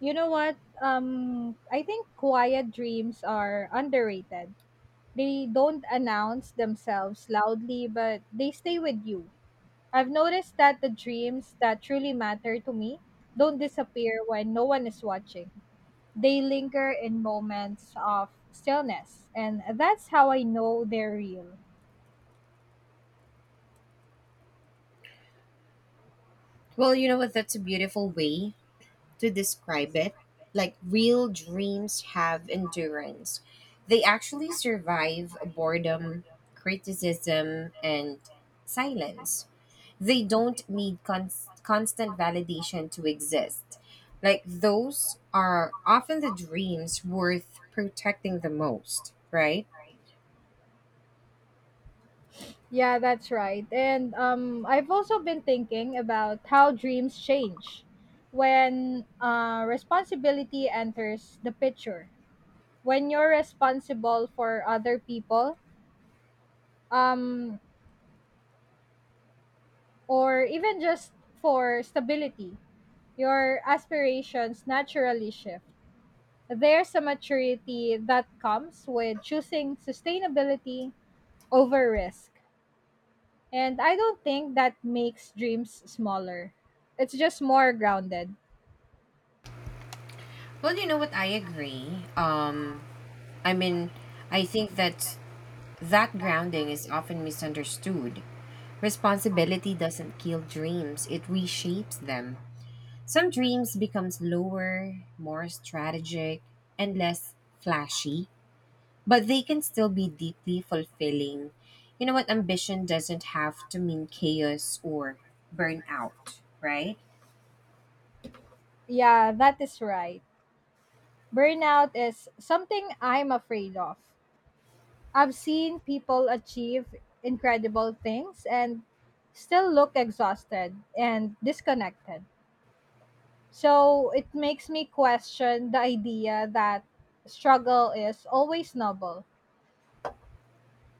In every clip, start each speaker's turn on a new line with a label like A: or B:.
A: You know what? I think quiet dreams are underrated. They don't announce themselves loudly, but they stay with you. I've noticed that the dreams that truly matter to me don't disappear when no one is watching. They linger in moments of stillness, and that's how I know they're real.
B: Well, you know what? That's a beautiful way to describe it. Like real dreams have endurance. They actually survive boredom, criticism, and silence. They
A: They
B: don't
A: also
B: need
A: like
B: constant
A: constant
B: validation to
A: dietitian
B: exist.
A: fixes.
B: Like
A: Like
B: those
A: those
B: are often the
A: often
B: dreams worth
A: support
B: protecting the
A: technical
B: most,
A: goals,
B: right?
A: right? Yeah, that's right. And I've also been thinking about how dreams change when responsibility enters the picture. When you're responsible for other people, um, or even just for stability, your aspirations naturally shift. There's a maturity that comes with choosing sustainability over risk. And I don't think that makes dreams smaller. It's just more grounded.
B: Well, you know what? I agree. I mean, I think that's That grounding is often misunderstood. Responsibility doesn't kill dreams, it reshapes them. Some dreams become slower, more strategic, and less flashy, but they can still be deeply fulfilling. You know what? Ambition doesn't have to mean chaos or burnout, right?
A: Yeah, that is right. Burnout is something I'm afraid of. I've seen people achieve incredible things and still look exhausted and disconnected. So it makes me question the idea that struggle is always noble.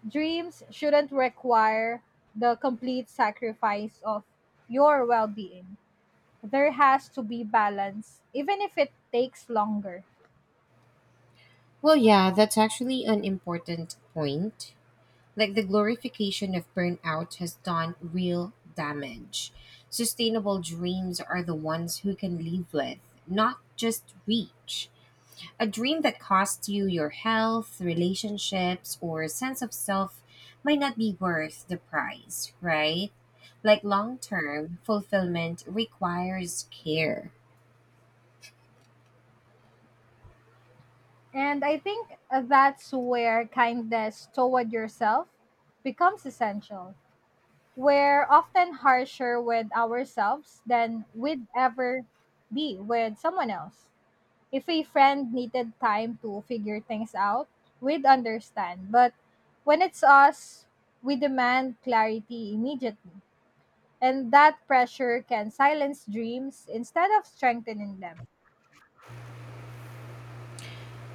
A: Dreams shouldn't require the complete sacrifice of your well being. There has to be balance, even if it takes longer.
B: Well, yeah, that's actually an important point. Like the glorification of burnout has done real damage. Sustainable dreams are the ones who can live with, not just reach. A dream that costs you your health, relationships, or sense of self might not be worth the price, right? Like long term fulfillment requires care.
A: And I think that's where kindness toward yourself becomes essential. We're often harsher with ourselves than we'd ever be with someone else. If a friend needed time to figure things out, we'd understand. But when it's us, we demand clarity immediately. And that pressure can silence dreams instead of strengthening them.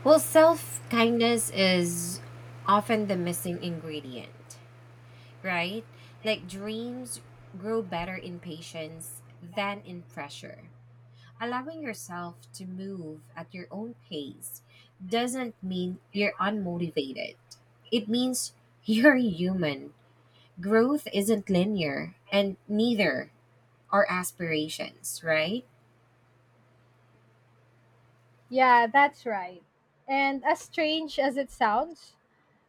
B: Well, self kindness is often the missing ingredient, right? Like dreams grow better in patience than in pressure. Allowing yourself to move at your own pace doesn't mean you're unmotivated. It means you're human. Growth isn't linear, and neither are aspirations, right?
A: Yeah, that's right. And as strange as it sounds,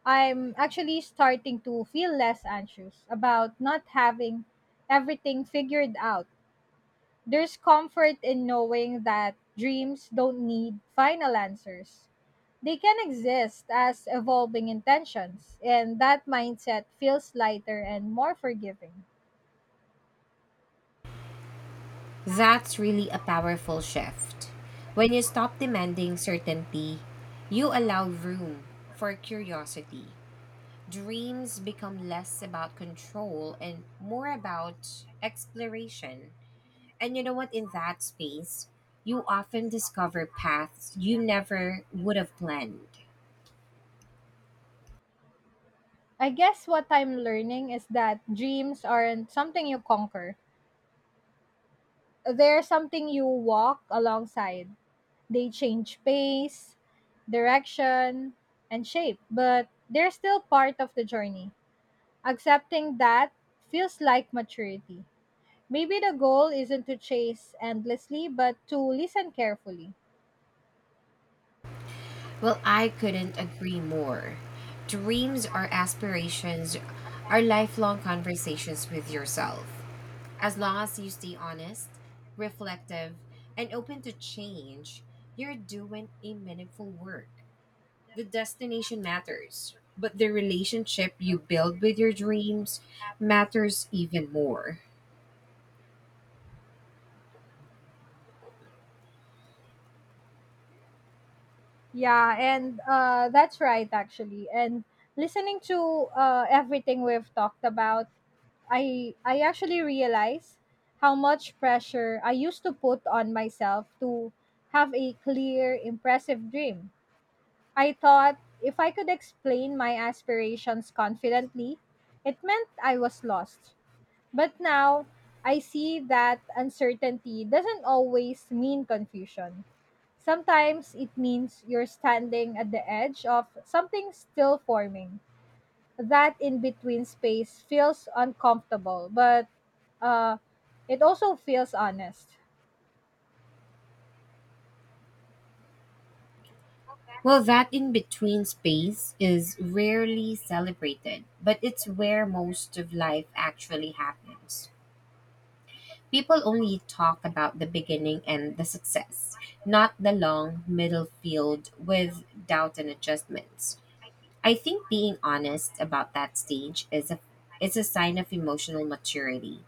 A: I'm actually starting to feel less anxious about not having everything figured out. There's comfort in knowing that dreams don't need final answers. They can exist as evolving intentions, and that mindset feels lighter and more forgiving.
B: That's really a powerful shift. When you stop demanding certainty, you allow room for curiosity dreams become less about control and more about exploration. And you know what? In that space, you often discover paths you never would have planned.
A: I guess what I'm learning is that dreams aren't something you conquer. They're something you walk alongside. They change pace, direction, and shape, but they're still part of the journey. Accepting that feels like maturity. Maybe the goal isn't to chase endlessly, but to listen carefully.
B: Well, I couldn't agree more. Dreams or aspirations are lifelong conversations with yourself. As long as you stay honest, reflective, and open to change, you're doing a meaningful work. The
A: Destination map
B: destination
A: is pursued,
B: matters,
A: but the
B: but the
A: vacation jet may
B: relationship you
A: fail to
B: build with your dreams
A: after
B: matters
A: escaping
B: even
A: port.
B: more.
A: Yeah, and that's right actually. And listening to everything we've talked about, I actually realize how much pressure I used to put on myself to have a clear, impressive dream. I thought if I could explain my aspirations confidently, it meant I was lost. But now, I see that uncertainty doesn't always mean confusion. Sometimes it means you're standing at the edge of something still forming. That in between space feels uncomfortable, but uh, it also feels honest.
B: Well, that in between space is rarely celebrated, but it's where most of life actually happens. People only talk about the beginning and the success, not the long middle field with doubt and adjustments. I think being honest about that stage is a sign of emotional maturity.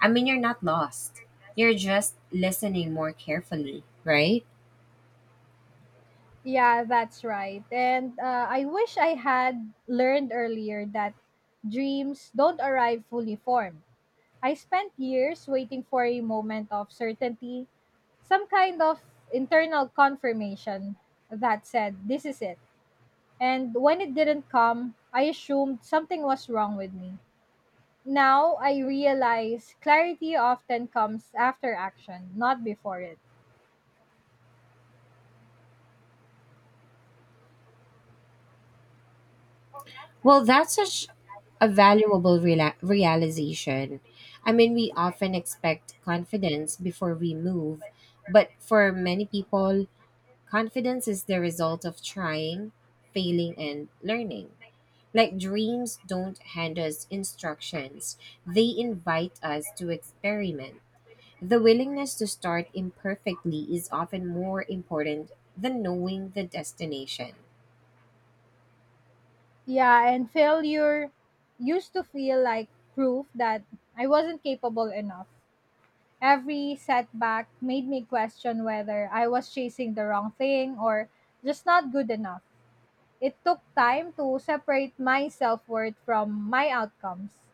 B: I mean, you're not lost. You're just listening more carefully, right?
A: Yeah, that's right. And I wish I had learned earlier that dreams don't arrive fully formed. I spent years waiting for a moment of certainty, some kind of internal confirmation that said, this is it. And when it didn't come, I assumed something was wrong with me. Now I realize clarity often comes after action, not before it.
B: Well, that's such a valuable realization. I mean, we often expect confidence before we move, but for many people, confidence is the result of trying, failing, and learning. Like dreams don't hand us instructions, they invite us to experiment. The willingness to start imperfectly is often more important than knowing the destination.
A: Yeah, and failure used to feel like proof that I wasn't capable enough. Every setback made me question whether I was chasing the wrong thing or just not good enough. It took time to separate my self worth from my outcomes.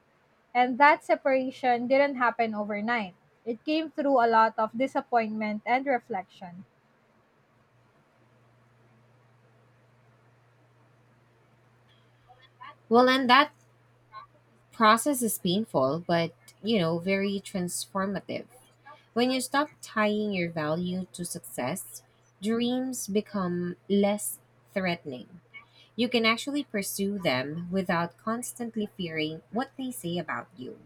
A: And that separation didn't happen overnight. It came through a lot of disappointment and reflection.
B: Well, and that process is painful, but you know, very transformative. When you stop tying your value to success, dreams become less threatening. You can actually pursue them without constantly fearing what they say about you.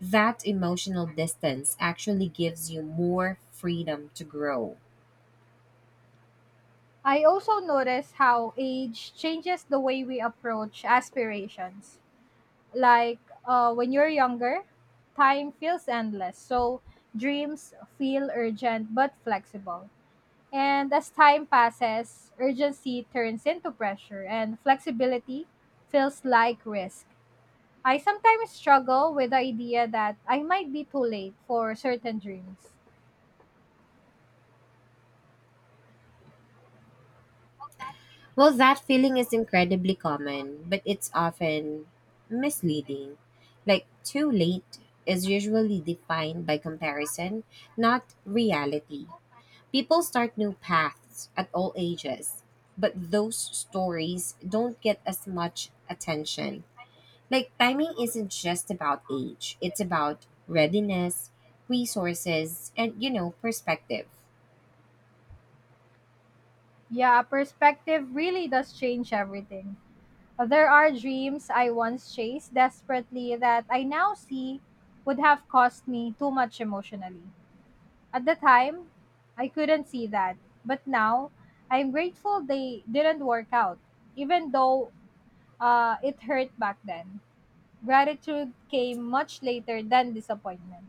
B: That emotional distance actually gives you more freedom to grow.
A: I also notice how age changes the way we approach aspirations. Like when you're younger, time feels endless, so dreams feel urgent but flexible. And as time passes, urgency turns into pressure, and flexibility feels like risk. I sometimes struggle with the idea that I might be too late for certain dreams.
B: Well, that feeling is incredibly common, but it's often misleading. Like, too late is usually defined by comparison, not reality. People start new paths at all ages, but those stories don't get as much attention. Like timing isn't just about age, it's about readiness, resources, and you know, perspective.
A: Yeah, perspective really does change everything. There are dreams I once chased desperately that I now see would have cost me too much emotionally. At the time, I couldn't see that. But now, I'm grateful they didn't work out, even though it hurt back then. Gratitude came much later than disappointment.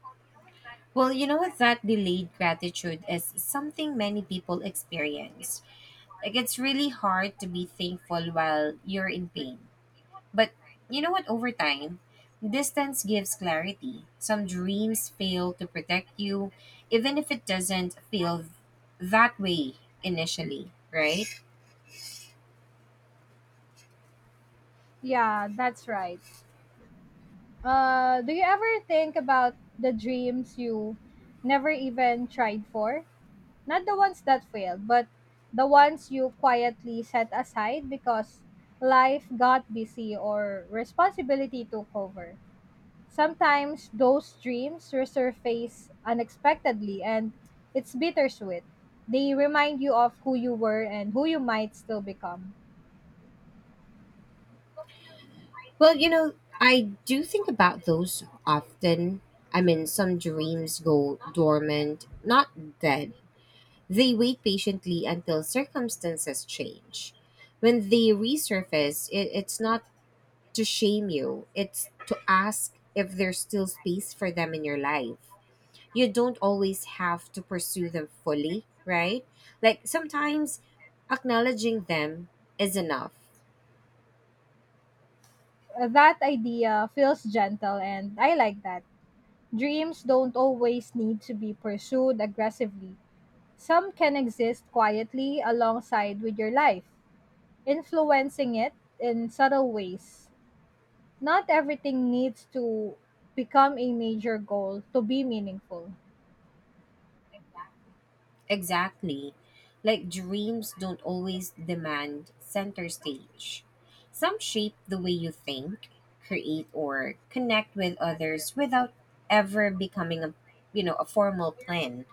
A: For the human-backed
B: Well,
A: debate
B: you know
A: that
B: that
A: included
B: delayed
A: something
B: gratitude
A: many
B: is
A: people
B: something
A: disagreed
B: many people
A: it's
B: experience.
A: really hard
B: Like
A: to
B: it's
A: be
B: really hard to
A: political
B: be thankful
A: currently.
B: while you're in
A: But
B: pain.
A: you would
B: But
A: pretend
B: you know what, over time,
A: distance is scary,
B: distance gives
A: subsidies
B: clarity. Some
A: will protect
B: dreams
A: you,
B: fail to protect
A: even if
B: you
A: it doesn't
B: even if
A: feel
B: it doesn't
A: that
B: feel
A: way
B: that way
A: initially, right?
B: initially, right?
A: Yeah, that's right. Do you ever think about the dreams you never even tried for? Not the ones that failed, but the ones you quietly set aside because life got busy or responsibility took over. Sometimes those dreams resurface unexpectedly and it's bittersweet. They remind you of who you were and who you might still become.
B: Well, you know, I do think about those often. I mean, some dreams go dormant, not dead. They wait patiently until circumstances change. When they resurface, it's not to shame you, it's to ask if there's still space for them in your life. You don't always have to pursue them fully, right? Like sometimes acknowledging them is enough.
A: That idea feels gentle, and I like that. Dreams don't always need to be pursued aggressively. Some can exist quietly alongside with your life, influencing it in subtle ways. Not everything needs to become a major goal to be meaningful.
B: Exactly. Like dreams don't always demand center stage. Some shape the way you think, create or connect with others without ever becoming a you know, a formal plan.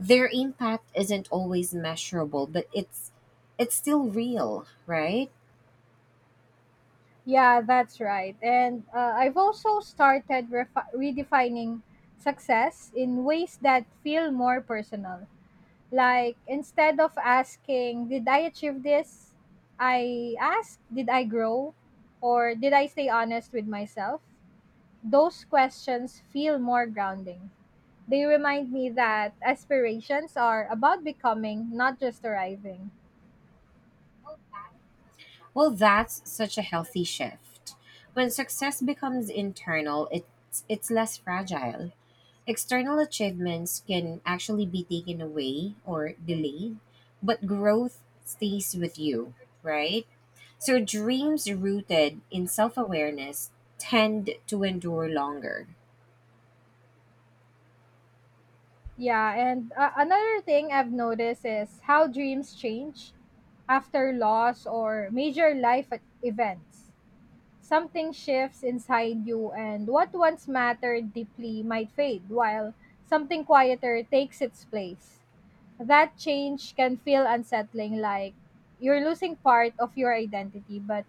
B: Their impact isn't always measurable, but it's still real, right?
A: Yeah, that's right. And I've also started redefining success in ways that feel more personal. Like instead of asking, did I achieve this? I ask, did I grow? Or did I stay honest with myself? Those questions feel more grounding. They remind me that aspirations are about becoming, not just arriving.
B: Well, that's such a healthy shift. When success becomes internal, it's less fragile. External achievements can actually be taken away or delayed, but growth stays with you, right? So dreams rooted in self awareness tend to endure longer.
A: Yeah, and another thing I've noticed is how dreams change after loss or major events. Something shifts inside you, and what once mattered deeply might fade, while something quieter takes its place. That change can feel unsettling, like you're losing part of your identity, but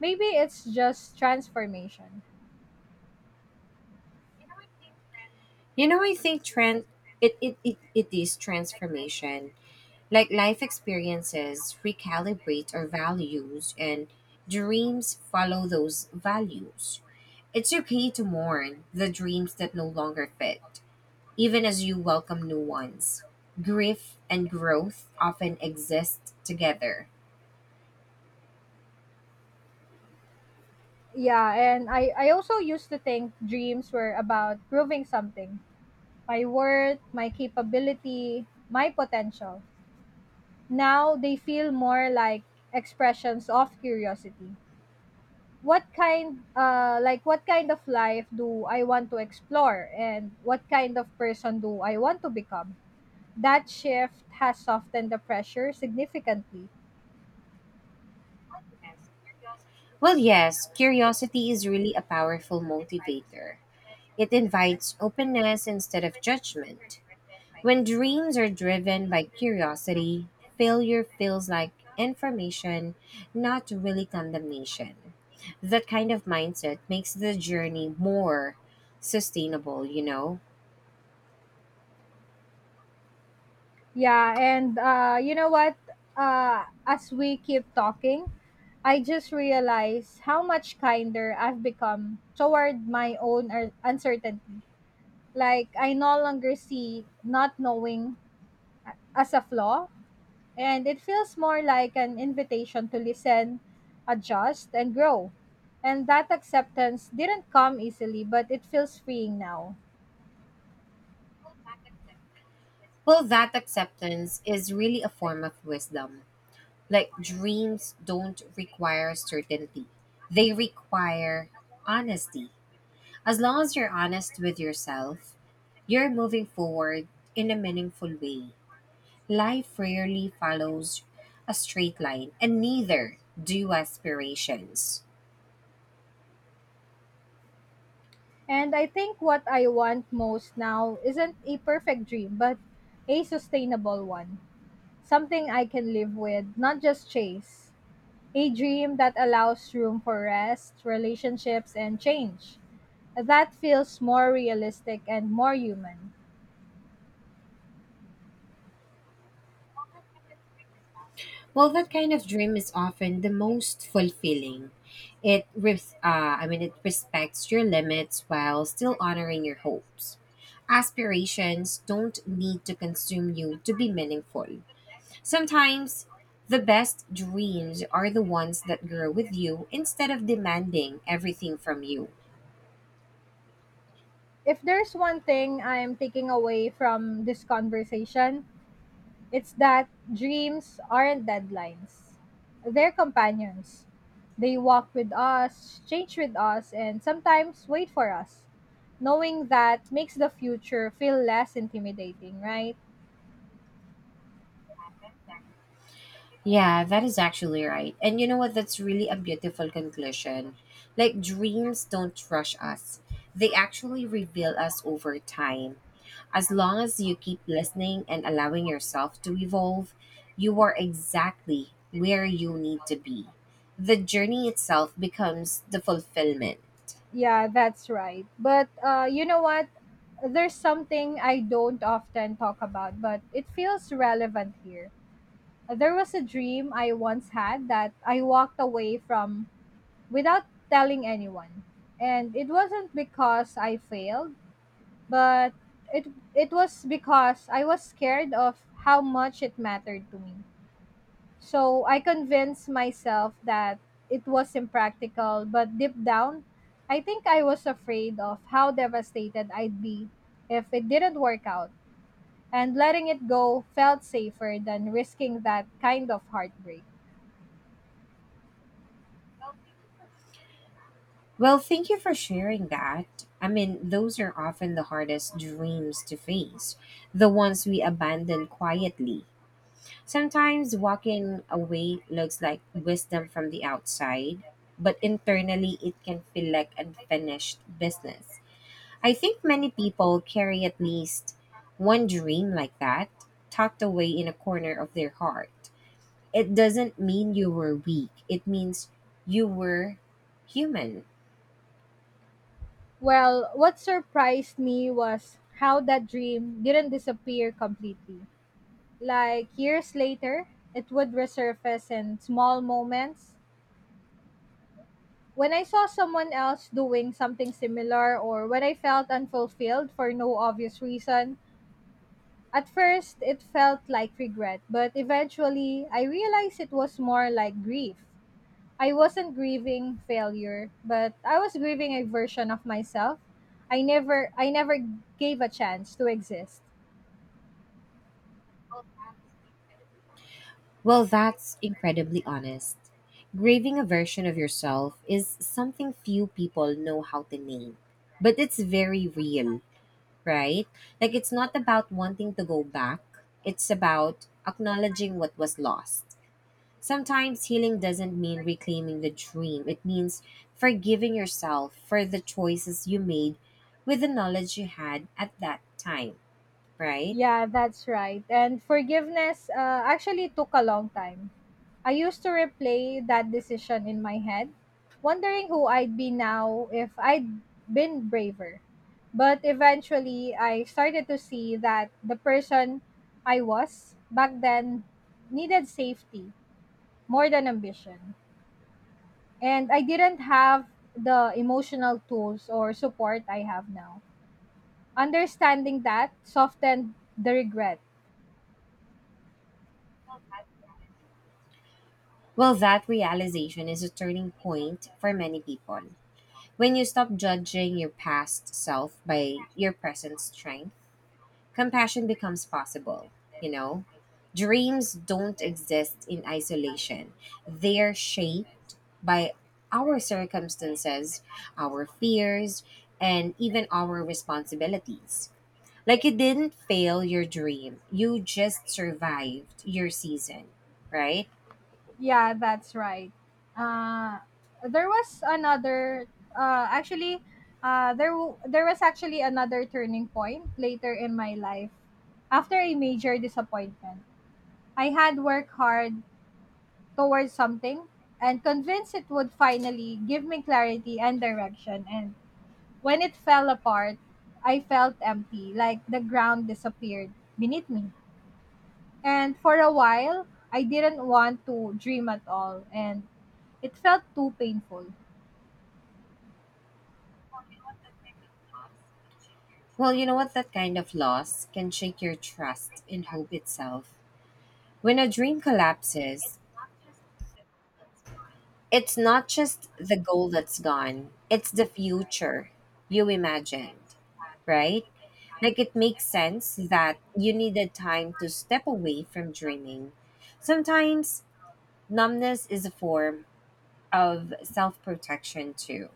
A: maybe it's just transformation.
B: You know, I think trend it, it, it, it is transformation. Like life experiences recalibrate our values and dreams follow those values. It's okay to mourn the dreams that no longer fit even as you welcome new ones. Grief and growth often exist together.
A: Yeah, and I also used to think dreams were about proving something my worth, my capability, my potential. Now they feel more like expressions of curiosity. What kind like what kind of life do I want to explore and what kind of person do I want to become? That shift has softened the pressure significantly.
B: Well, yes, curiosity is really a powerful motivator. It invites openness instead of judgment. When dreams are driven by curiosity, failure feels like information, not really condemnation. That kind of mindset makes the journey more sustainable, you know?
A: Yeah, and you know what as we keep talking, I just realized how much kinder I've become toward my own uncertainty. Like I no longer see not knowing as a flaw, and it feels more like an invitation to listen, adjust, and grow. And that acceptance didn't come easily, but it feels freeing now.
B: Well, that acceptance is really a form of wisdom. Like dreams don't require certainty. They require honesty. As long as you're honest with yourself, you're moving forward in a meaningful way. Life rarely follows a straight line, and neither do aspirations.
A: And I think what I want most now isn't a perfect dream, but a sustainable one. Something I can live with, not just chase. A dream that allows room for rest, relationships, and change. That feels more realistic and more human.
B: Well, that kind of dream is often the most fulfilling. I mean, it respects your limits while still honoring your hopes. Aspirations don't need to consume you to be meaningful. Sometimes, the best dreams are the ones that grow with you instead of demanding everything from you.
A: If there's one thing I'm taking away from this conversation, it's that dreams aren't deadlines, they're companions. They walk with us, change with us, and sometimes wait for us. Knowing that makes the future feel less intimidating, right?
B: Yeah, that is actually right. And you know what? That's really a beautiful conclusion. Like, dreams don't rush us, they actually reveal us over time. As long as you keep listening and allowing yourself to evolve, you are exactly where you need to be. The journey itself becomes the fulfillment.
A: Yeah, that's right. But you know what? There's something I don't often talk about, but it feels relevant here. There was a dream I once had that I walked away from without telling anyone. And it wasn't because I failed, but it was because I was scared of how much it mattered to me. So I convinced myself that it was impractical, but deep down, I think I was afraid of how devastated I'd be if it didn't work out. And letting it go felt safer than risking that kind of heartbreak.
B: Well, thank you for sharing that. I mean, those are often the hardest dreams to face, the ones we abandon quietly. Sometimes walking away looks like wisdom from the outside, but internally it can feel like unfinished business. I think many people carry at least one dream like that, tucked away in a corner of their heart. It doesn't mean you were weak, it means you were human.
A: Well, what surprised me was how that dream didn't disappear completely. Like years later, it would resurface in small moments. When I saw someone else doing something similar or when I felt unfulfilled for no obvious reason, at first it felt like regret, but eventually I realized it was more like grief. I wasn't grieving failure, but I was grieving a version of myself I never gave a chance to exist.
B: Well, that's incredibly honest. Grieving a version of yourself is something few people know how to name, but it's very real, right? Like, it's not about wanting to go back, it's about acknowledging what was lost. Sometimes healing doesn't mean reclaiming the dream. It means forgiving yourself for the choices you made with the knowledge you had at that time, right?
A: Yeah, that's right. And forgiveness actually took a long time. I used to replay that decision in my head, wondering who I'd be now if I'd been braver. But eventually, I started to see that the person I was back then needed safety more than ambition. And I didn't have the emotional tools or support I have now. Understanding that softened the regret.
B: Well, that realization is a turning point for many people. When you stop judging your past self by your present strength, compassion becomes possible, you know? Dreams don't exist in isolation. They are shaped by our circumstances, our fears, and even our responsibilities. Like you didn't fail your dream, you just survived your season, right?
A: Yeah, that's right. Uh, there was another. Actually, there w- There was actually another turning point later in my life. After a major disappointment, I had worked hard towards something and convinced it would finally give me clarity and direction. And when it fell apart, I felt empty, like the ground disappeared beneath me. And for a while, I didn't want to dream at all. And it felt too painful.
B: Well, you know what? That kind of loss can shake your trust in hope itself. When a dream collapses, it's not just the goal that's gone, it's the future you imagined, right? Like it makes sense that you needed time to step away from dreaming. Sometimes numbness is a form of self protection, too.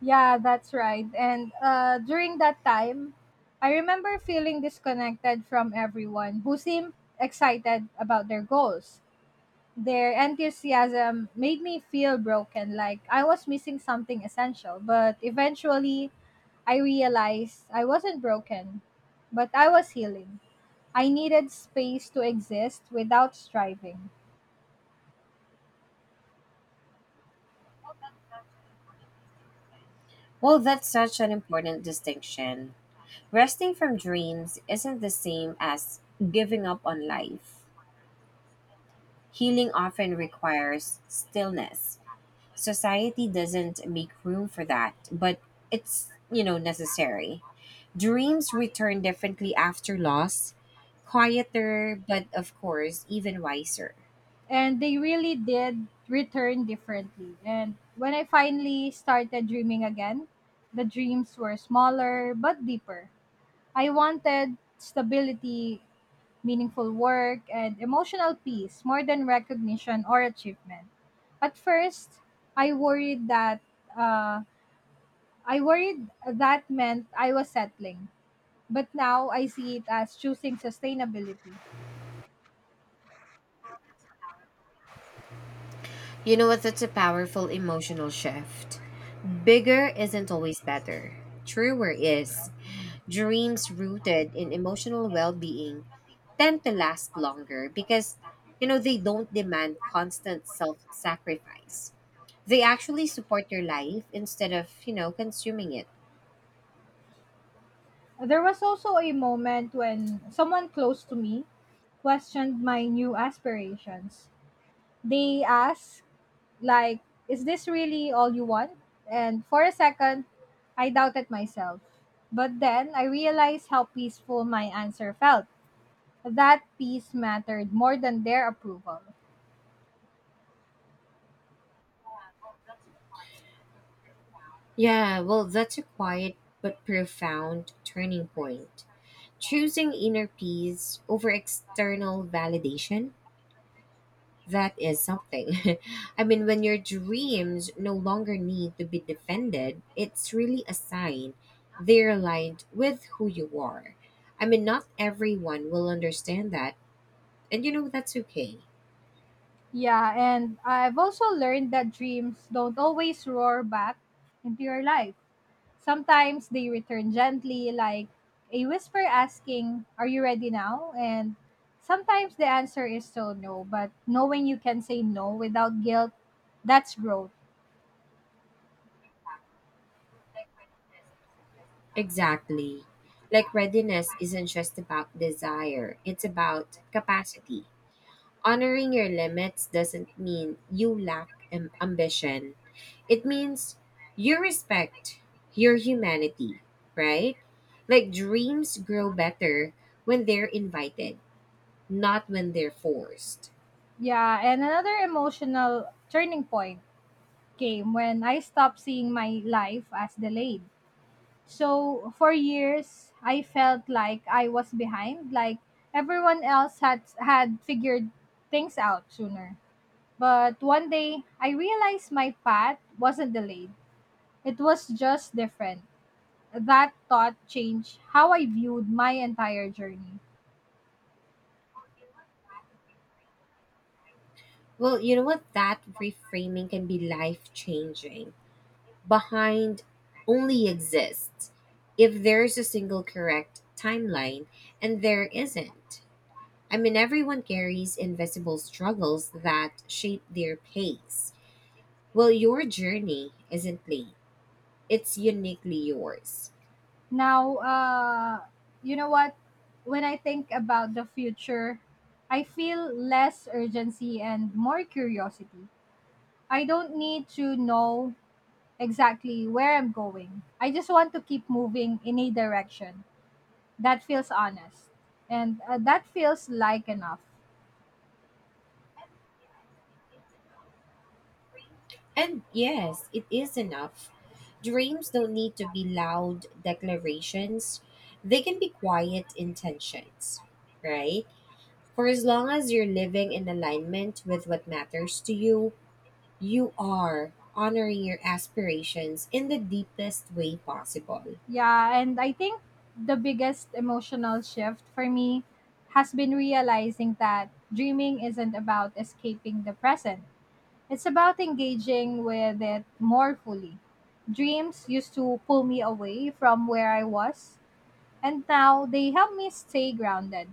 A: Yeah, that's right. And during that time, I remember feeling disconnected from everyone who seemed excited about their goals. Their enthusiasm made me feel broken, like I was missing something essential. But eventually, I realized I wasn't broken, but I was healing. I needed space to exist without striving.
B: Well, that's such an important distinction. Resting from dreams isn't the same as giving up on life. Healing often requires stillness. Society doesn't make room for that, but it's, you know, necessary. Dreams return differently after loss, quieter, but of course, even wiser.
A: And they really did return differently. And when I finally started dreaming again, the dreams were smaller but deeper. I wanted stability, meaningful work, and emotional peace more than recognition or achievement. At first, I worried that uh, I worried that meant I was settling. But now I see it as choosing sustainability.
B: You know what? That's a powerful emotional shift. Bigger isn't always better. Truer is. Dreams rooted in emotional well being tend to last longer because, you know, they don't demand constant self sacrifice. They actually support your life instead of, you know, consuming it.
A: There was also a moment when someone close to me questioned my new aspirations. They asked, like, is this really all you want? And for a second, I doubted myself. But then I realized how peaceful my answer felt. That peace mattered more than their approval.
B: Yeah, well, that's a quiet but profound turning point. Choosing inner peace over external validation, that is something. I mean, when your dreams no longer need to be defended, it's really a sign they're aligned with who you are. I mean, not everyone will understand that, and you know, that's okay.
A: Yeah, and I've also learned that dreams don't always roar back into your life. Sometimes they return gently, like a whisper asking, are you ready now? And sometimes the answer is still no, but knowing you can say no without guilt, that's growth.
B: Exactly. Like readiness isn't just about desire, it's about capacity. Honoring your limits doesn't mean you lack ambition. It means you respect your humanity, right? Like dreams grow better when they're invited, not when they're forced.
A: Yeah, and another emotional turning point came when I stopped seeing my life as delayed. So for years, I felt like I was behind, like everyone else had figured things out sooner. But one day, I realized my path wasn't delayed. It was just different. That thought changed how I viewed my entire journey.
B: Well, you know what? That reframing can be life changing. Behind only exists if there's a single correct timeline, and there isn't. I mean, everyone carries invisible struggles that shape their pace. Well, your journey isn't late, it's uniquely yours.
A: Now, you know what? When I think about the future, I feel less urgency and more curiosity. I don't need to know exactly where I'm going. I just want to keep moving in a direction that feels honest and that feels like enough.
B: And yes, it is enough. Dreams don't need to be loud declarations, they can be quiet intentions, right? For as long as you're living in alignment with what matters to you, you are honoring your aspirations in the deepest way possible.
A: Yeah, and I think the biggest emotional shift for me has been realizing that dreaming isn't about escaping the present. It's about engaging with it more fully. Dreams used to pull me away from where I was, and now they help me stay grounded.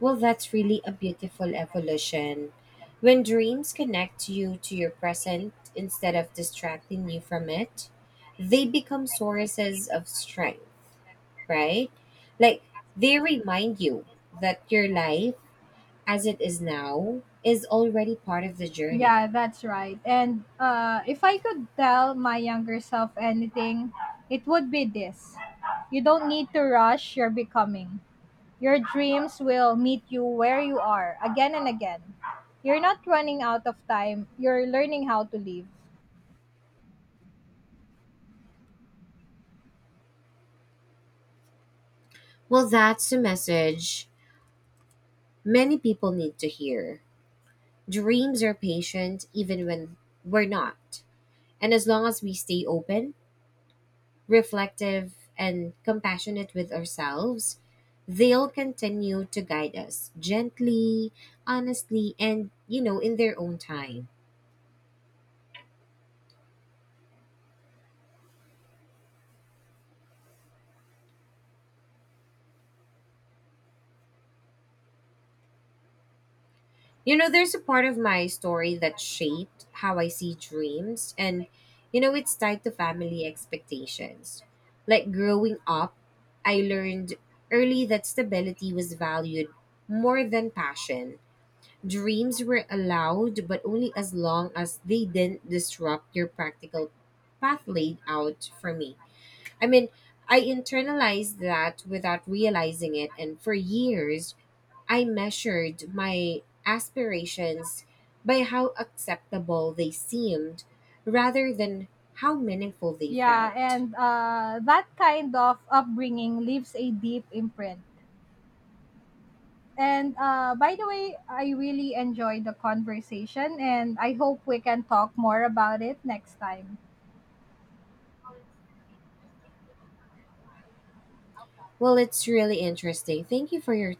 B: Well, that's really a beautiful evolution. When dreams connect you to your present instead of distracting you from it, they become sources of strength, right? Like they remind you that your life as it is now is already part of the journey.
A: Yeah, that's right. And if I could tell my younger self anything, it would be this: you don't need to rush your becoming. Your dreams will meet you where you are again and again. You're not running out of time, you're learning how to live.
B: Well, that's a message many people need to hear. Dreams are patient even when we're not. And as long as we stay open, reflective, and compassionate with ourselves, they'll continue to guide us gently, honestly, and, you know, in their own time. You know, there's a part of my story that
A: Like, I'm not.
B: shaped how I see dreams, and, you know, it's tied to family expectations. Like growing up, I learned early that stability was valued more than passion. Dreams were allowed, but only as long as they didn't disrupt your practical path laid out for me. I mean, I internalized that without
A: I'm
B: realizing it,
A: not.
B: and for years, I measured my aspirations by how acceptable they seemed rather than how meaningful they
A: Yeah,
B: felt.
A: and that kind of upbringing leaves a deep imprint. And by the way, I really enjoyed the conversation, and I hope we can talk more about it next time.
B: Well, it's really interesting. Thank you for your